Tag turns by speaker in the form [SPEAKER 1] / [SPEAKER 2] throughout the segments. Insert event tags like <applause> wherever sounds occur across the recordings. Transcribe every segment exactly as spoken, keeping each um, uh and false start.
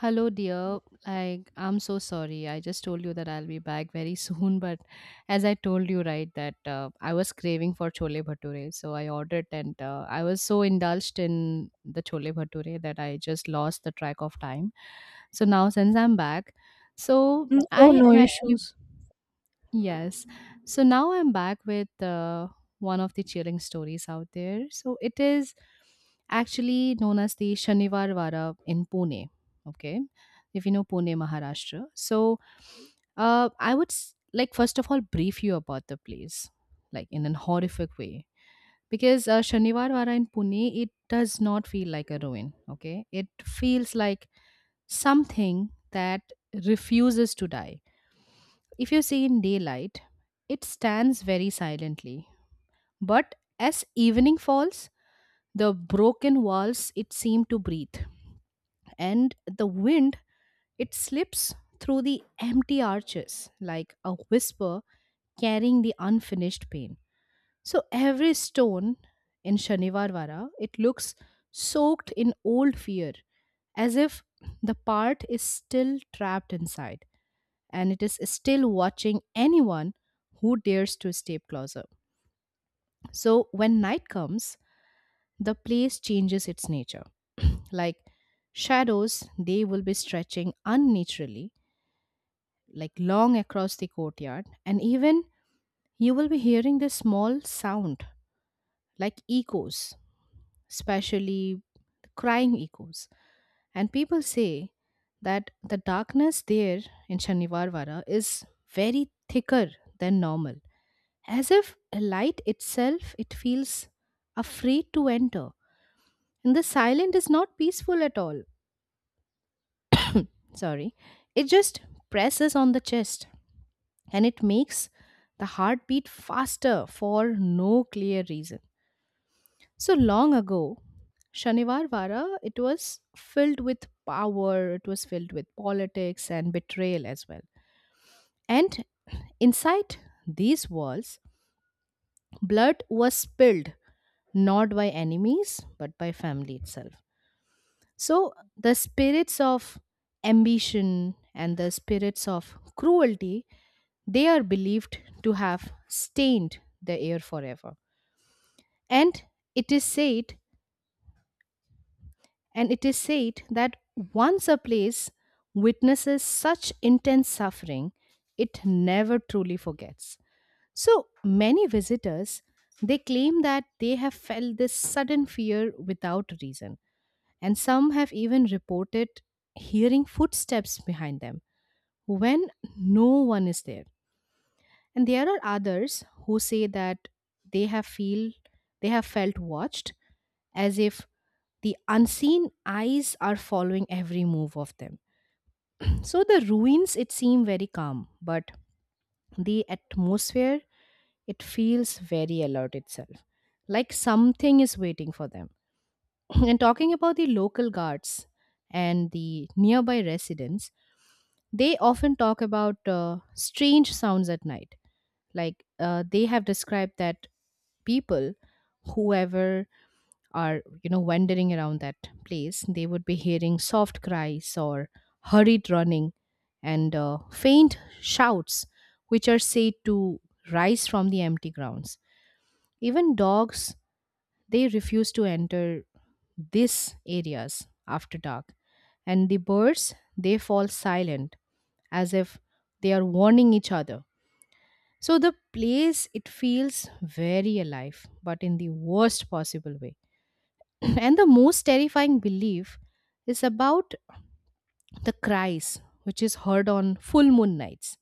[SPEAKER 1] Hello, dear. Like, I'm so sorry. I just told you that I'll be back very <laughs> soon, but as I told you, right, that uh, I was craving for chole bhature, so I ordered, and uh, I was so indulged in the chole bhature that I just lost the track of time. So now, since I'm back, so
[SPEAKER 2] Mm, Oh,
[SPEAKER 1] I
[SPEAKER 2] no
[SPEAKER 1] am actually
[SPEAKER 2] issues.
[SPEAKER 1] yes. So now I'm back with uh, one of the chilling stories out there. So it is actually known as the Shanivar Vara in Pune. Okay. If you know Pune, Maharashtra. So uh, I would s- like, first of all, brief you about the place, like in an horrific way. Because uh, Shanivar Vara in Pune, it does not feel like a ruin. Okay. It feels like something that refuses to die if you see in daylight, it stands very silently. But as evening falls, the broken walls it seem to breathe, and the wind it slips through the empty arches like a whisper carrying the unfinished pain. So every stone in Shanivarvara it looks soaked in old fear, as if the part is still trapped inside, and it is still watching anyone who dares to step closer. So when night comes, the place changes its nature. <clears throat> like shadows, they will be stretching unnaturally, like long across the courtyard, and even you will be hearing this small sound like echoes, especially crying echoes. And people say that the darkness there in Shanivarvara is very thicker than normal, as if a light itself it feels afraid to enter, and the silent is not peaceful at all. Sorry, it just presses on the chest, and it makes the heartbeat faster for no clear reason. So long ago, Shanivarvara it was filled with power, it was filled with politics and betrayal as well. And inside these walls blood was spilled, not by enemies, but by family itself. So the spirits of ambition and the spirits of cruelty, they are believed to have stained the air forever. And it is said, and it is said that once a place witnesses such intense suffering, it never truly forgets. So many visitors they claim that they have felt this sudden fear without reason, and some have even reported hearing footsteps behind them when no one is there. And there are others who say that they have feel they have felt watched, as if the unseen eyes are following every move of them. So the ruins it seem very calm, but the atmosphere it feels very alert itself, like something is waiting for them. <clears throat> And talking about the local guards and the nearby residents, they often talk about uh, strange sounds at night. Like uh, they have described that people, whoever are, you know, wandering around that place, they would be hearing soft cries or hurried running and uh, faint shouts, which are said to rise from the empty grounds. Even dogs they refuse to enter these areas after dark. And the birds, they fall silent as if they are warning each other. So the place, it feels very alive, but in the worst possible way. <clears throat> And the most terrifying belief is about the cries, which is heard on full moon nights.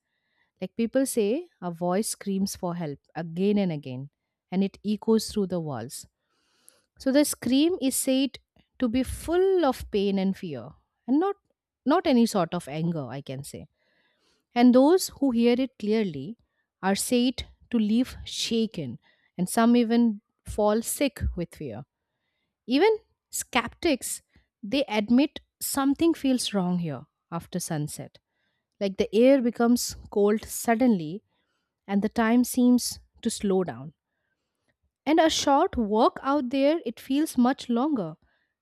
[SPEAKER 1] Like people say, a voice screams for help again and again, and it echoes through the walls. So the scream is said to be full of pain and fear, and not not any sort of anger, I can say. And those who hear it clearly are said to leave shaken, and some even fall sick with fear. Even skeptics they admit something feels wrong here after sunset. Like the air becomes cold suddenly, and the time seems to slow down, and a short walk out there, it feels much longer.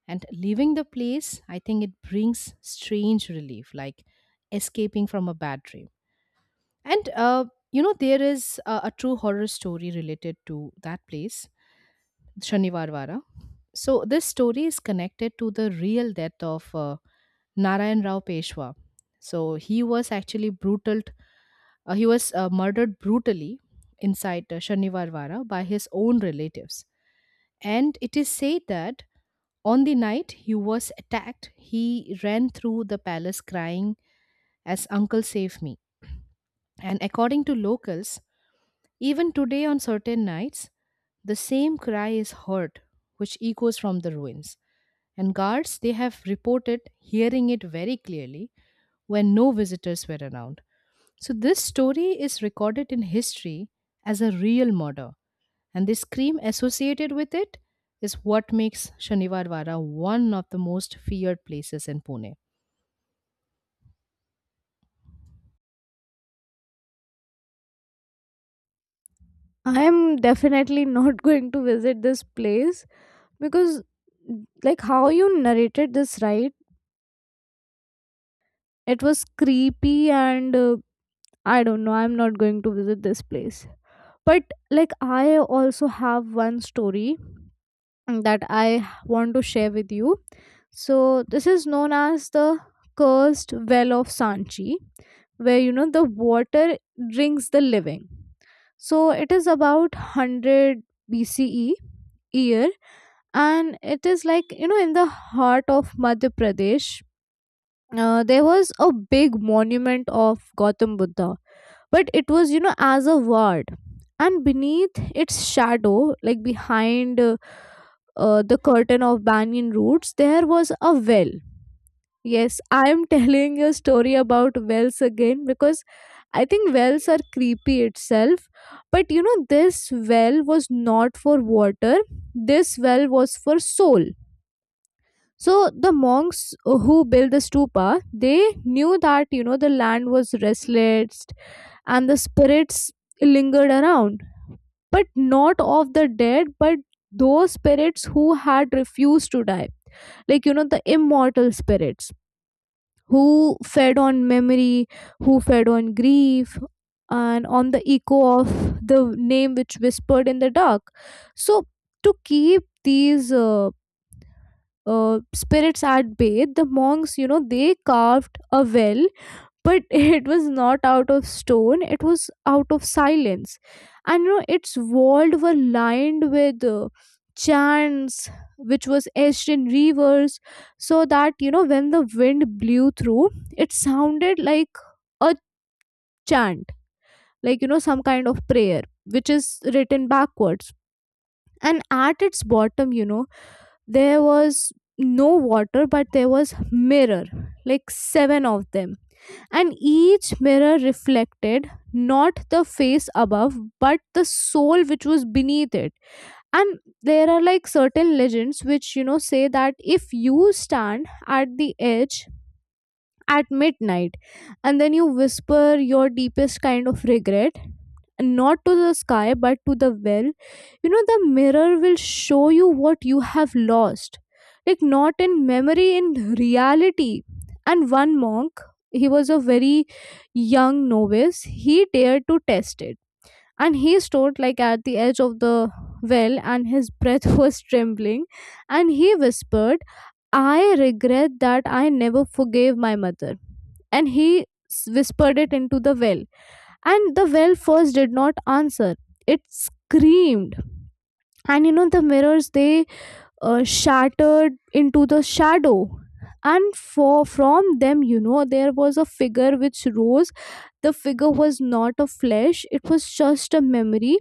[SPEAKER 1] And leaving the place, I think it brings strange relief, like escaping from a bad dream. And, uh, you know, there is a, a true horror story related to that place, Shanivarvara. So, this story is connected to the real death of uh, Narayan Rao Peshwa. So, he was actually brutal, uh, he was uh, murdered brutally inside uh, Shanivarvara by his own relatives, and it is said that on the night he was attacked, he ran through the palace crying, as uncle save me. And according to locals, even today on certain nights, the same cry is heard, which echoes from the ruins. And guards, they have reported hearing it very clearly when no visitors were around. So, this story is recorded in history as a real murder. And this cream associated with it is what makes Shanivarwara one of the most feared places in Pune.
[SPEAKER 2] I am definitely not <laughs> going to visit this place because, like, how you narrated this, right? It was creepy, and uh, I don't know. I'm not going to visit this place. But, like, I also have one story that I want to share with you. So this is known as the cursed well of Sanchi, where you know the water drinks the living. So it is about one hundred B C E year, and it is like you know in the heart of Madhya Pradesh, uh, there was a big monument of Gautam Buddha, but it was you know as a ward. And beneath its shadow, like behind uh, uh, the curtain of banyan roots, there was a well. Yes, I am <laughs> telling you a story about wells again because I think wells are creepy itself. But you know, this well was not for water, this well was for soul. So the monks who built the stupa, they knew that you know the land was restless and the spirits lingered around, but not of the dead, but those spirits who had refused to die, like you know the immortal spirits who fed on memory, who fed on grief, and on the echo of the name which whispered in the dark. So, to keep these uh, uh, spirits at bay, the monks, you know, they carved a well, but <laughs> it was not out of stone, it was out of silence. And you know its walls were lined with uh, chants which was etched in rivers, so that you know when the wind blew through, it sounded like a chant, like you know some kind of prayer which is written backwards. And at its bottom you know there was no water, but there was mirror, like seven of them, and each mirror reflected not the face above but the soul which was beneath it. And there are like certain legends which you know say that if you stand at the edge at midnight and then you whisper your deepest kind of regret, not to the sky but to the well, you know the mirror will show you what you have lost, like not in memory, in reality. And one monk, he was a very young novice, he dared to test it, and he stood like at the edge of the well and his breath <laughs> was trembling, and he whispered, I regret that I never forgave my mother. And he s- whispered it into the well. And the well first did not answer, it screamed. And you know, the mirrors they uh, shattered into the shadow. And for from them, you know, there was a figure which rose. The figure was not a flesh, it was just a memory,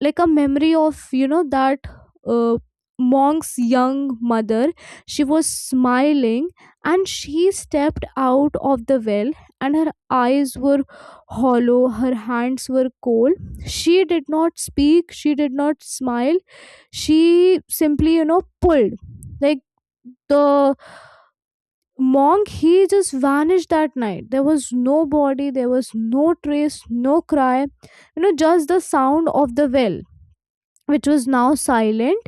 [SPEAKER 2] like a memory of you know that uh, monk's young mother. She was smiling, and she stepped out of the well, and her eyes were hollow, her hands were cold, she did not speak, she did not smile, she simply you know pulled, like, the monk, he just vanished that night. There was no body, there was no trace, no cry, you know, just the sound of the well, which was now silent.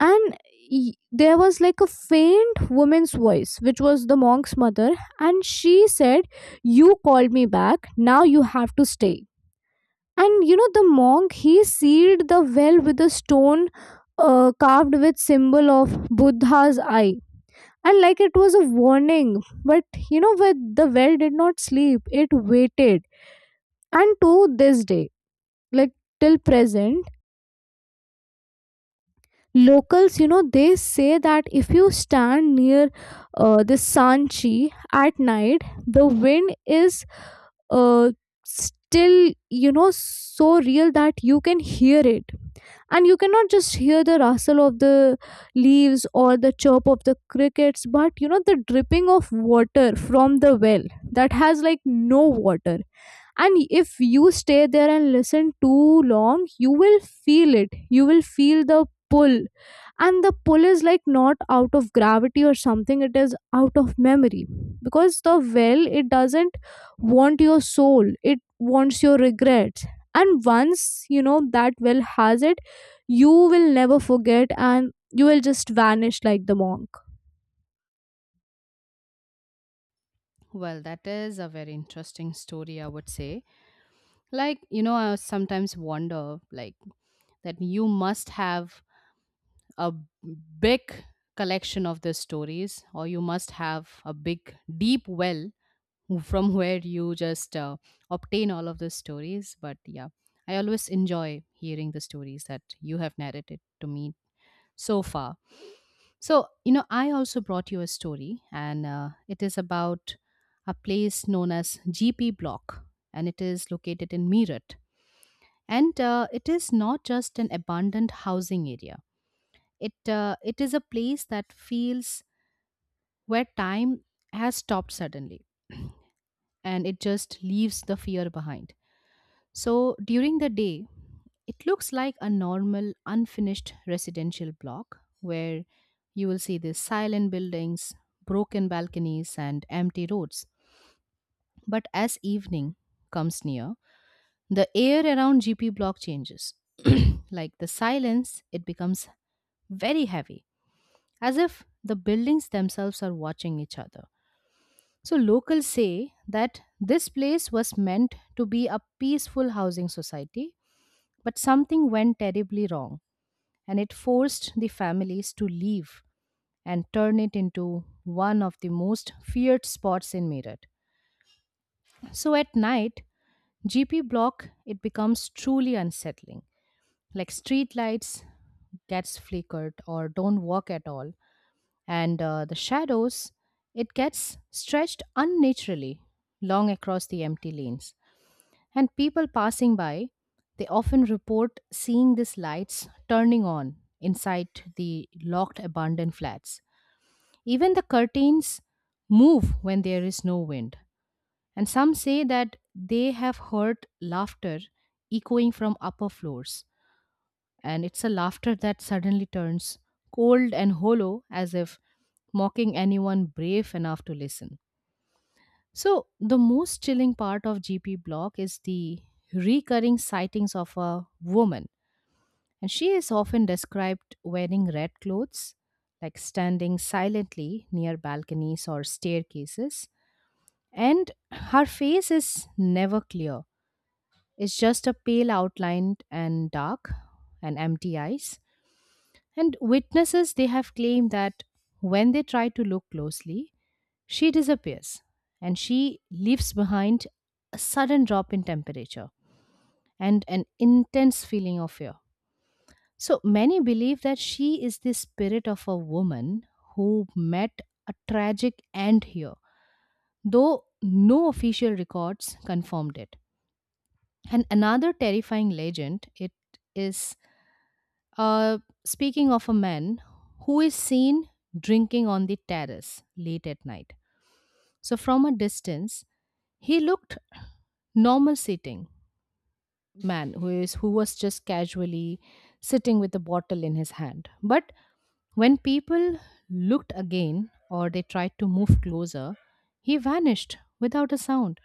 [SPEAKER 2] And y- there was like a faint woman's voice, which was the monk's mother, and she said, you called me back, now you have to stay. And you know the monk, he sealed the well with a stone uh, carved with symbol of Buddha's eye, and like it was a warning. But you know, but the well did not sleep, it waited. And to this day, like till present, locals you know they say that if you stand near uh, the Sanchi at night, the wind is uh, still, you know, so real that you can hear it. And you cannot just hear the rustle of the leaves or the chirp of the crickets, but you know the dripping of water from the well that has like no water. And if you stay there and listen too long, you will feel it, you will feel the pull. And the pull is like not out of gravity or something, it is out of memory, because the well, it doesn't want your soul, it wants your regrets. And once you know that well has it, you will never forget, and you will just vanish like the monk.
[SPEAKER 1] Well, that is a very interesting story, I would say. Like, you know, I sometimes wonder, like, that you must have a big collection of the stories, or you must have a big, deep well from where you just uh, obtain all of the stories. But yeah, I always enjoy hearing the stories that you have narrated to me so far. So, you know, I also brought you a story, and uh, it is about a place known as G P Block, and it is located in Meerut. And uh, it is not just an abandoned housing area. It uh, it is a place that feels where time has stopped suddenly, <clears throat> and it just leaves the fear behind. So during the day, it looks like a normal, unfinished residential block where you will see the silent buildings, broken balconies, and empty roads. But as evening comes near, the air around G P block changes. <clears throat> Like the silence, it becomes very heavy, as if the buildings themselves are watching each other. So locals say that this place was meant to be a peaceful housing society, but something went terribly wrong, and it forced the families to leave and turn it into one of the most feared spots in Meerut. So at night, G P block it becomes truly unsettling. Like street lights gets flickered or don't work at all, and uh, the shadows it gets stretched unnaturally long across the empty lanes. And people passing by, they often report seeing these lights turning on inside the locked abandoned flats. Even the curtains move when there is no wind. And some say that they have heard laughter echoing from upper floors. And it's a laughter that suddenly turns cold and hollow as if mocking anyone brave enough to listen. So, the most chilling part of G P Block is the recurring sightings of a woman, and she is often described wearing red clothes, like standing silently near balconies or staircases, and her face is never clear. It's just a pale outline and dark and empty eyes. And witnesses, they have claimed that when they try to look closely, she disappears, and she leaves behind a sudden drop in temperature and an intense feeling of fear. So many believe that she is the spirit of a woman who met a tragic end here, though no official records confirmed it. And another terrifying legend it is, Uh, speaking of a man who is seen drinking on the terrace late at night. So, from a distance, he looked normal, sitting man who is who was just casually sitting with a bottle in his hand, but when people looked again or they tried to move closer he vanished without a sound.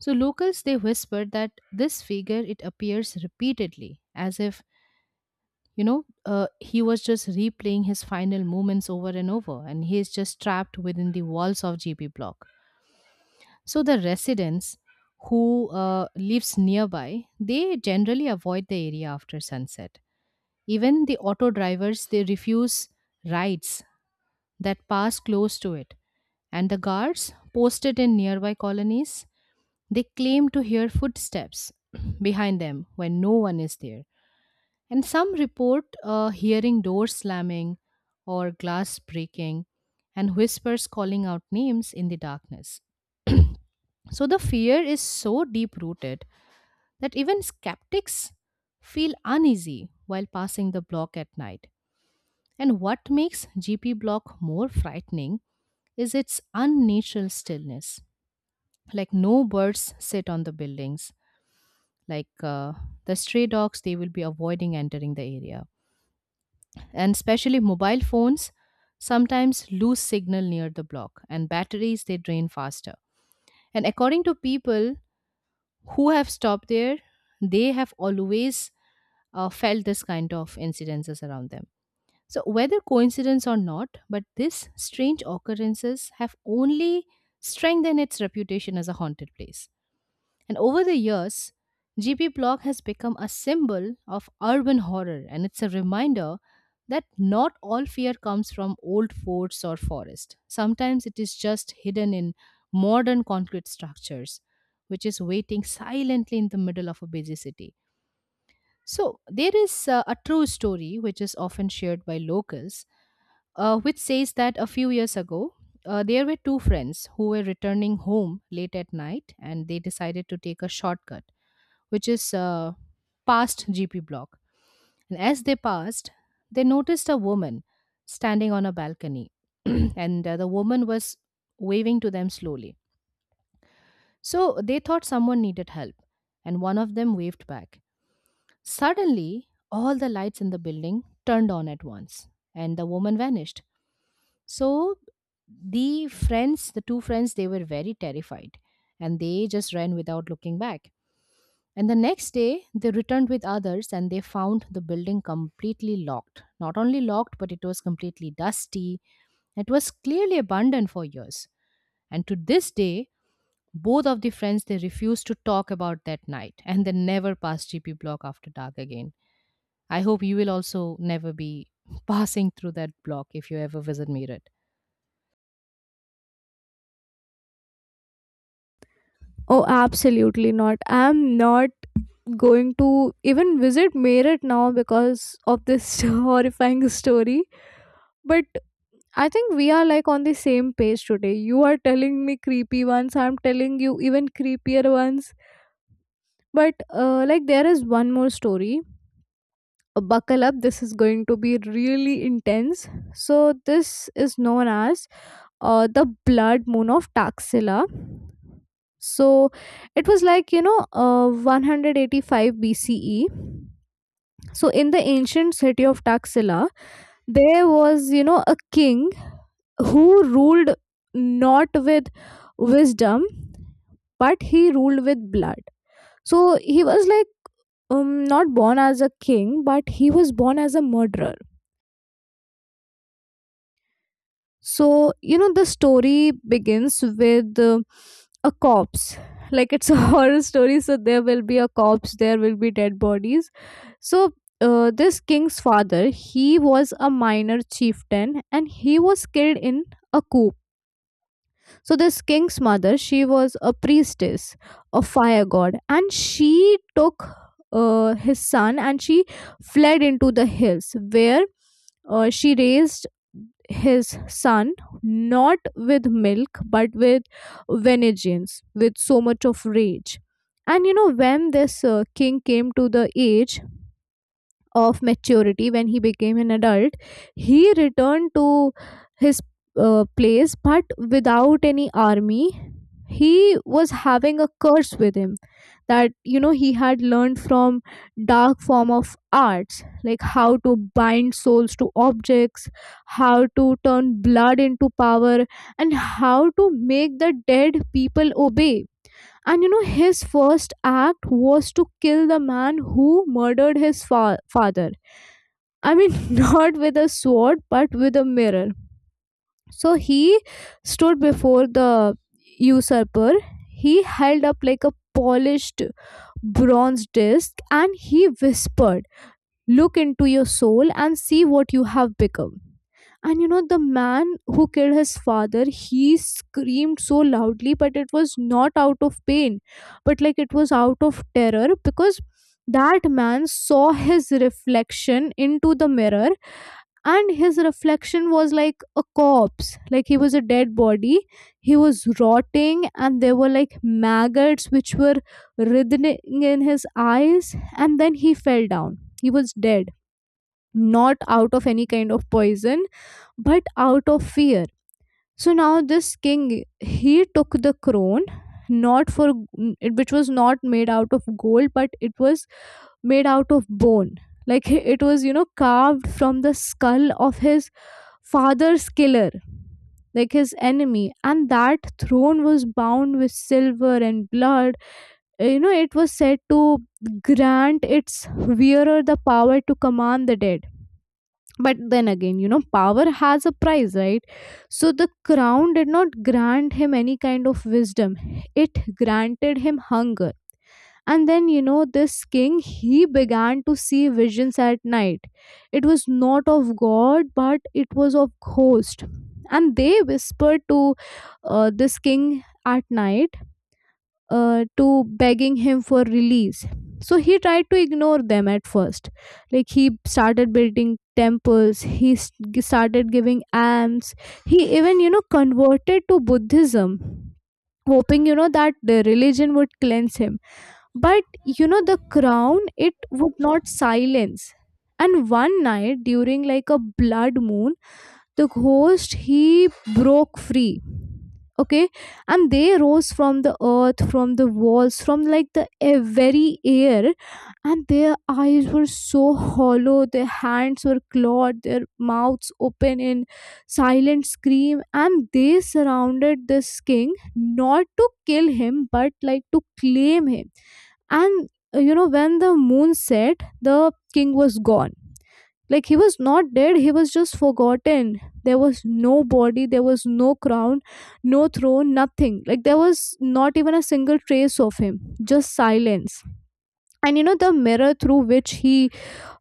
[SPEAKER 1] So locals they whispered that this figure it appears repeatedly, as if, you know, uh, he was just replaying his final moments over and over, and he is just trapped within the walls of G P block. So the residents who uh, lives nearby, they generally avoid the area after sunset. Even the auto drivers, they refuse rides that pass close to it, and the guards posted in nearby colonies they claim to hear footsteps <clears throat> behind them when no one is there, and some report uh, hearing doors slamming or glass breaking and whispers calling out names in the darkness. <clears throat> So the fear is so deep rooted that even skeptics feel uneasy while passing the block at night. And what makes G P block more frightening is its unnatural stillness. Like no birds sit on the buildings. Like uh, the stray dogs, they will be avoiding entering the area. And especially mobile phones sometimes lose signal near the block, and batteries they drain faster. And according to people who have stopped there, they have always uh, felt this kind of incidences around them. So whether coincidence or not, but these strange occurrences have only strengthened its reputation as a haunted place. And over the years, G P Block has become a symbol of urban horror, and it's a reminder that not all fear comes from old forts or forest. Sometimes it is just hidden in modern concrete structures, which is waiting silently in the middle of a busy city. So, there is uh, a true story which is often shared by locals, uh, which says that a few years ago, uh, there were two friends who were returning home late at night and they decided to take a shortcut which is uh, past G P block. And as they passed, they noticed a woman standing on a balcony, <clears throat> and uh, the woman was waving to them slowly. So they thought someone needed help, and one of them waved back. Suddenly, all the lights in the building turned on at once, and the woman vanished. So the friends, the two friends, they were very terrified and they just ran without looking back. And the next day, they returned with others and they found the building completely locked. Not only locked, but it was completely dusty. It was clearly abandoned for years. And to this day, both of the friends they refused to talk about that night <laughs> and they never passed G P block after dark again. I hope you will also never be <laughs> passing through that block if you ever visit Meerut.
[SPEAKER 2] Oh, absolutely not, I'm not going to even visit Meerut now because of this <laughs> horrifying story. But I think we are like on the same page today. You are telling me creepy ones, I'm telling you even creepier ones. But uh, like there is one more story. Uh, Buckle up, this is going to be really intense. So, this is known as uh, the blood moon of Taxila. So, it was like you know, uh, one hundred eighty-five B C E. So in the ancient city of Taxila, there was, you know, a king who ruled not with wisdom, but he ruled with blood. So he was like um, not born as a king, but he was born as a murderer. So, you know, the story begins with uh, a corpse. Like it's a <laughs> horror story, so there will be a corpse, there will be dead bodies. So, uh, this king's father, he was a minor chieftain and he was killed in a coup. So this king's mother, she was a priestess, a fire god, and she took uh, his son, and she fled into the hills where uh, she raised his son not with milk but with vengeance, with so much of rage. And you know, when this uh, king came to the age of maturity, when he became an adult, he returned to his uh, place, but without any army. He was having a curse with him, that you know he had learned from dark form of arts, like how to bind souls to objects, how to turn blood into power, and how to make the dead people obey. And you know his first act was to kill the man who murdered his fa- father. I mean, <laughs> not with a sword but with a mirror. So he stood before the usurper. He held up like a polished bronze disc and he whispered, Look into your soul and see what you have become. And you know, the man who killed his father, he screamed so loudly, but it was not out of pain, but like it was out of terror, because that man saw his reflection into the mirror, and his reflection was like a corpse, like he was a dead body, he was rotting, and there were like maggots which were writhing in his eyes, and then he fell down, he was dead, not out of any kind of poison, but out of fear. So now this king, he took the crown, not for which was not made out of gold, but it was made out of bone, like <laughs> it was you know carved from the skull of his father's killer, like his enemy, and that throne was bound with silver and blood. Uh, You know, it was said to grant its wearer the power to command the dead. But then again, you know, power has a price, right? So the crown did not grant him any kind of wisdom, it granted him hunger. And then, you know, this king, he began to see visions at night. It was not of God, but it was of ghost. And they whispered to uh, this king at night uh, to begging him for release. So he tried to ignore them at first. Like he started building temples, he s- g- started giving alms, he even, you know, converted to Buddhism, hoping, you know, that the religion would cleanse him. But you know, the crown, it would not silence. And one night during like a blood moon, the ghost, he broke free. Okay, and they rose from the earth, from the walls, from like the a- very air, and their eyes were so hollow, their hands were clawed, their mouths open in silent scream, and they surrounded this king not to kill him but like to claim him. And uh, you know when the moon set, the king was gone, like he was not dead, he was just forgotten. There was no body, there was no crown, no throne, nothing, like there was not even a single trace of him, just silence. And you know the mirror through which he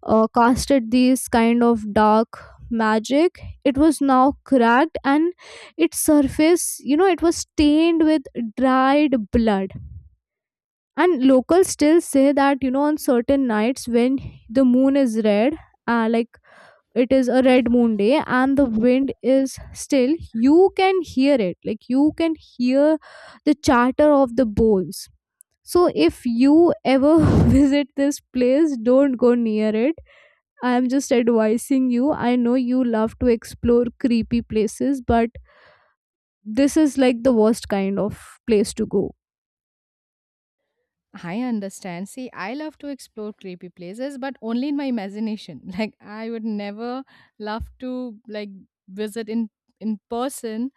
[SPEAKER 2] uh, casted these kind of dark magic, it was now cracked, and its surface you know it was stained with dried blood. And locals still say that you know on certain nights, when the moon is red, uh, like it is a red moon day and the wind is still, you can hear it, like you can hear the chatter of the bulls. So if you ever <laughs> visit this place, don't go near it. I am just advising you, I know you love to explore creepy places, but this is like the worst kind of place to go.
[SPEAKER 1] I understand. See, I love to explore creepy places, but only in my imagination. <laughs> Like I would never love to like visit in in person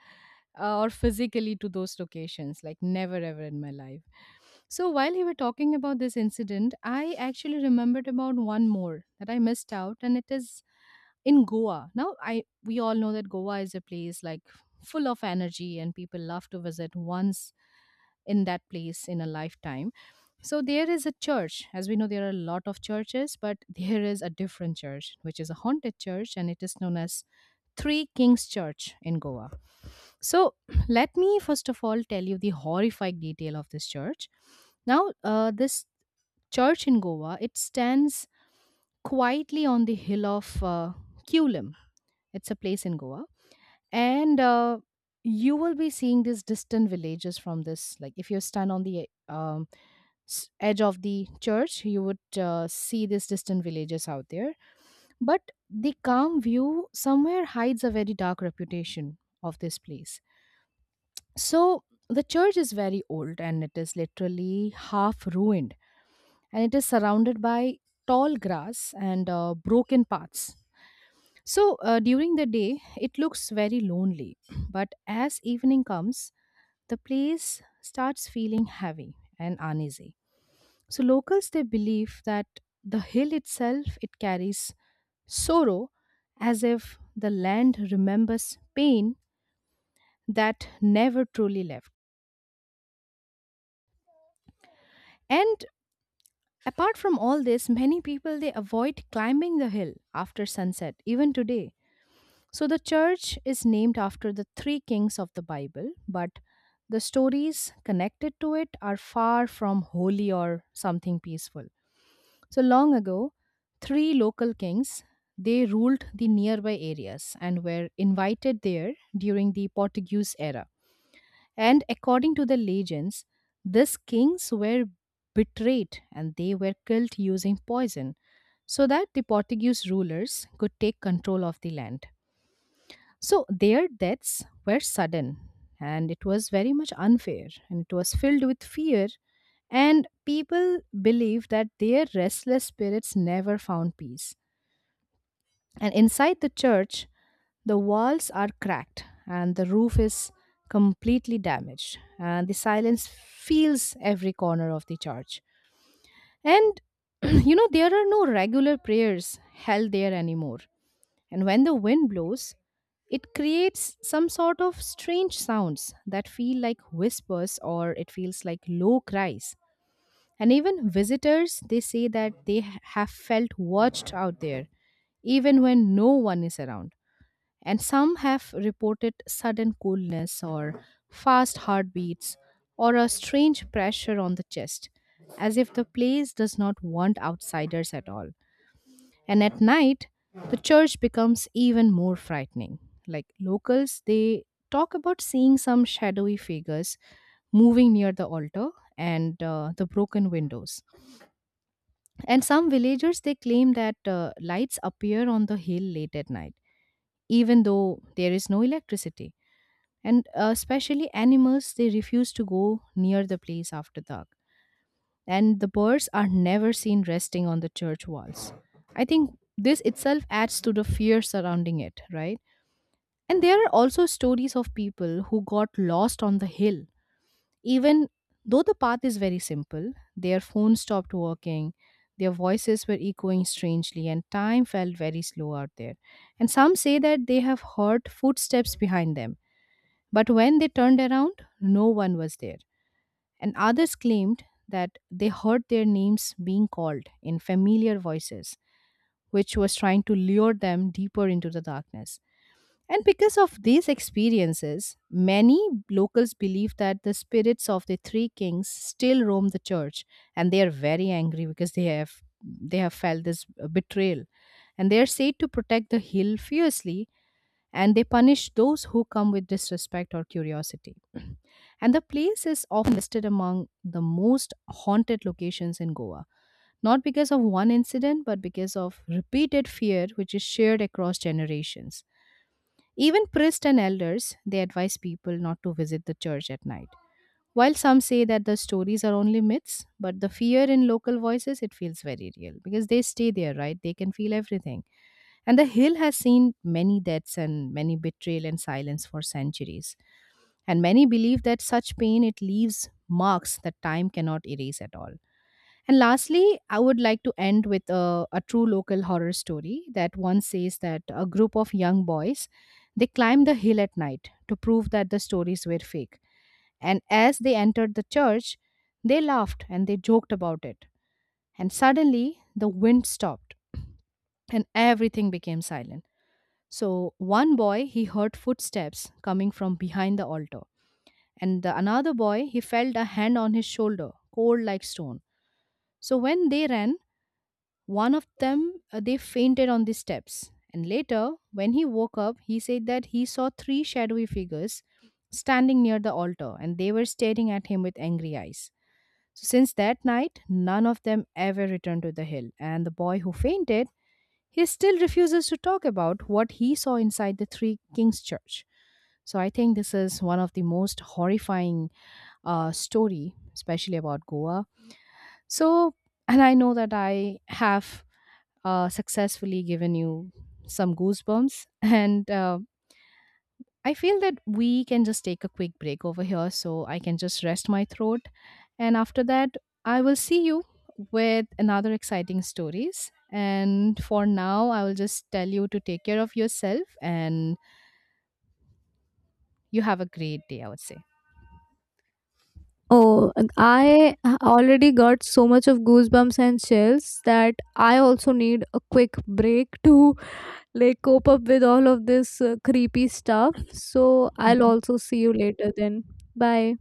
[SPEAKER 1] uh, or physically to those locations. Like never ever in my life. So while you were talking about this incident, I actually remembered about one more that I missed out, and it is in Goa. Now I we all know that Goa is a place like full of energy and people love to visit once in that place in a lifetime. So there is a church. As we know, there are a lot of churches, but <laughs> there is a different church, which is a haunted church, and it is known as Three Kings Church in Goa. So <clears throat> let me first of all tell you the horrific detail of this church. Now, uh, this church in Goa, it stands quietly on the hill of uh, Kulim. It's a place in Goa and uh, you will be seeing these distant villages from this, like if you stand on the um, s- edge of the church you would uh, see these distant villages out there, but the calm view somewhere hides a very dark reputation of this place. So the church is very old and it is literally half ruined and it is surrounded by tall grass and uh, broken paths. So uh, during the day, it looks very lonely. <clears throat> But as evening comes, the place starts feeling heavy and uneasy. So locals they believe that the hill itself it carries sorrow, as if the land remembers pain that never truly left. And apart from all this, many people they avoid climbing the hill after sunset even today. So the church is named after the three kings of the Bible, but the stories connected to it are far from holy or something peaceful. So long ago, three local kings they ruled the nearby areas and were invited there during the Portuguese era. And according to the legends, these kings were betrayed and they were killed using poison so that the Portuguese rulers could take control of the land. So their deaths were sudden and it was very much unfair and it was filled with fear, and people believed that their restless spirits never found peace. And inside the church, the walls are cracked and the roof is completely damaged and the silence fills every corner of the church. And <clears throat> you know there are no regular prayers held there anymore. And when the wind blows, it creates some sort of strange sounds that feel like whispers or it feels like low cries. And even visitors, they say that they ha- have felt watched out there, even when no one is around. And some have reported sudden coolness or fast heartbeats or a strange pressure on the chest, as if the place does not want outsiders at all. And at night, the church becomes even more frightening. Like locals, they talk about seeing some shadowy figures moving near the altar and uh, the broken windows. And some villagers, they claim that uh, lights appear on the hill late at night, even though there is no electricity. And uh, especially animals, they refuse to go near the place after dark, and the birds are never seen resting on the church walls. I think this itself adds to the fear surrounding it, right? And there are also stories of people who got lost on the hill. Even though the path is very simple, their phone stopped working, their voices were echoing strangely, and time felt very slow out there. And some say that they have heard footsteps behind them, but when they turned around, no one was there, and others claimed that they heard their names being called in familiar voices, which was trying to lure them deeper into the darkness. And because of these experiences, many locals believe that the spirits of the three kings still roam the church, and they are very angry because they have they have felt this betrayal, and they are said to protect the hill fiercely and they punish those who come with disrespect or curiosity. <clears throat> And the place is often listed among the most haunted locations in Goa, not because of one incident, but because of repeated fear which is shared across generations. Even priests and elders, they advise people not to visit the church at night. While some say that the stories are only myths, but the fear in local voices, it feels very real because they stay there, right? They can feel everything. And the hill has seen many deaths and many betrayal and silence for centuries. And many believe that such pain it leaves marks that time cannot erase at all. And lastly, I would like to end with a, a true local horror story that once says that a group of young boys they climbed the hill at night to prove that the stories were fake. And as they entered the church, they laughed and they joked about it. And suddenly the wind stopped and everything became silent. So one boy he heard footsteps coming from behind the altar, and the another boy he felt a hand on his shoulder, cold like stone. So when they ran, one of them uh, they fainted on the steps. And later, when he woke up, he said that he saw three shadowy figures standing near the altar, and they were staring at him with angry eyes. So since that night, none of them ever returned to the hill, and the boy who fainted, he still refuses to talk about what he saw inside the Three Kings Church. So I think this is one of the most horrifying uh, story, especially about Goa. So, and I know that I have uh, successfully given you some goosebumps, <laughs> and uh, I feel that we can just take a quick break over here so I can just rest my throat. And after that, I will see you with another exciting stories. And for now, I will just tell you to take care of yourself and you have a great day, I would say.
[SPEAKER 2] Oh, I already got so much of goosebumps and chills that I also need a quick break to like cope up with all of this uh, creepy stuff. So I'll also see you later then. Bye.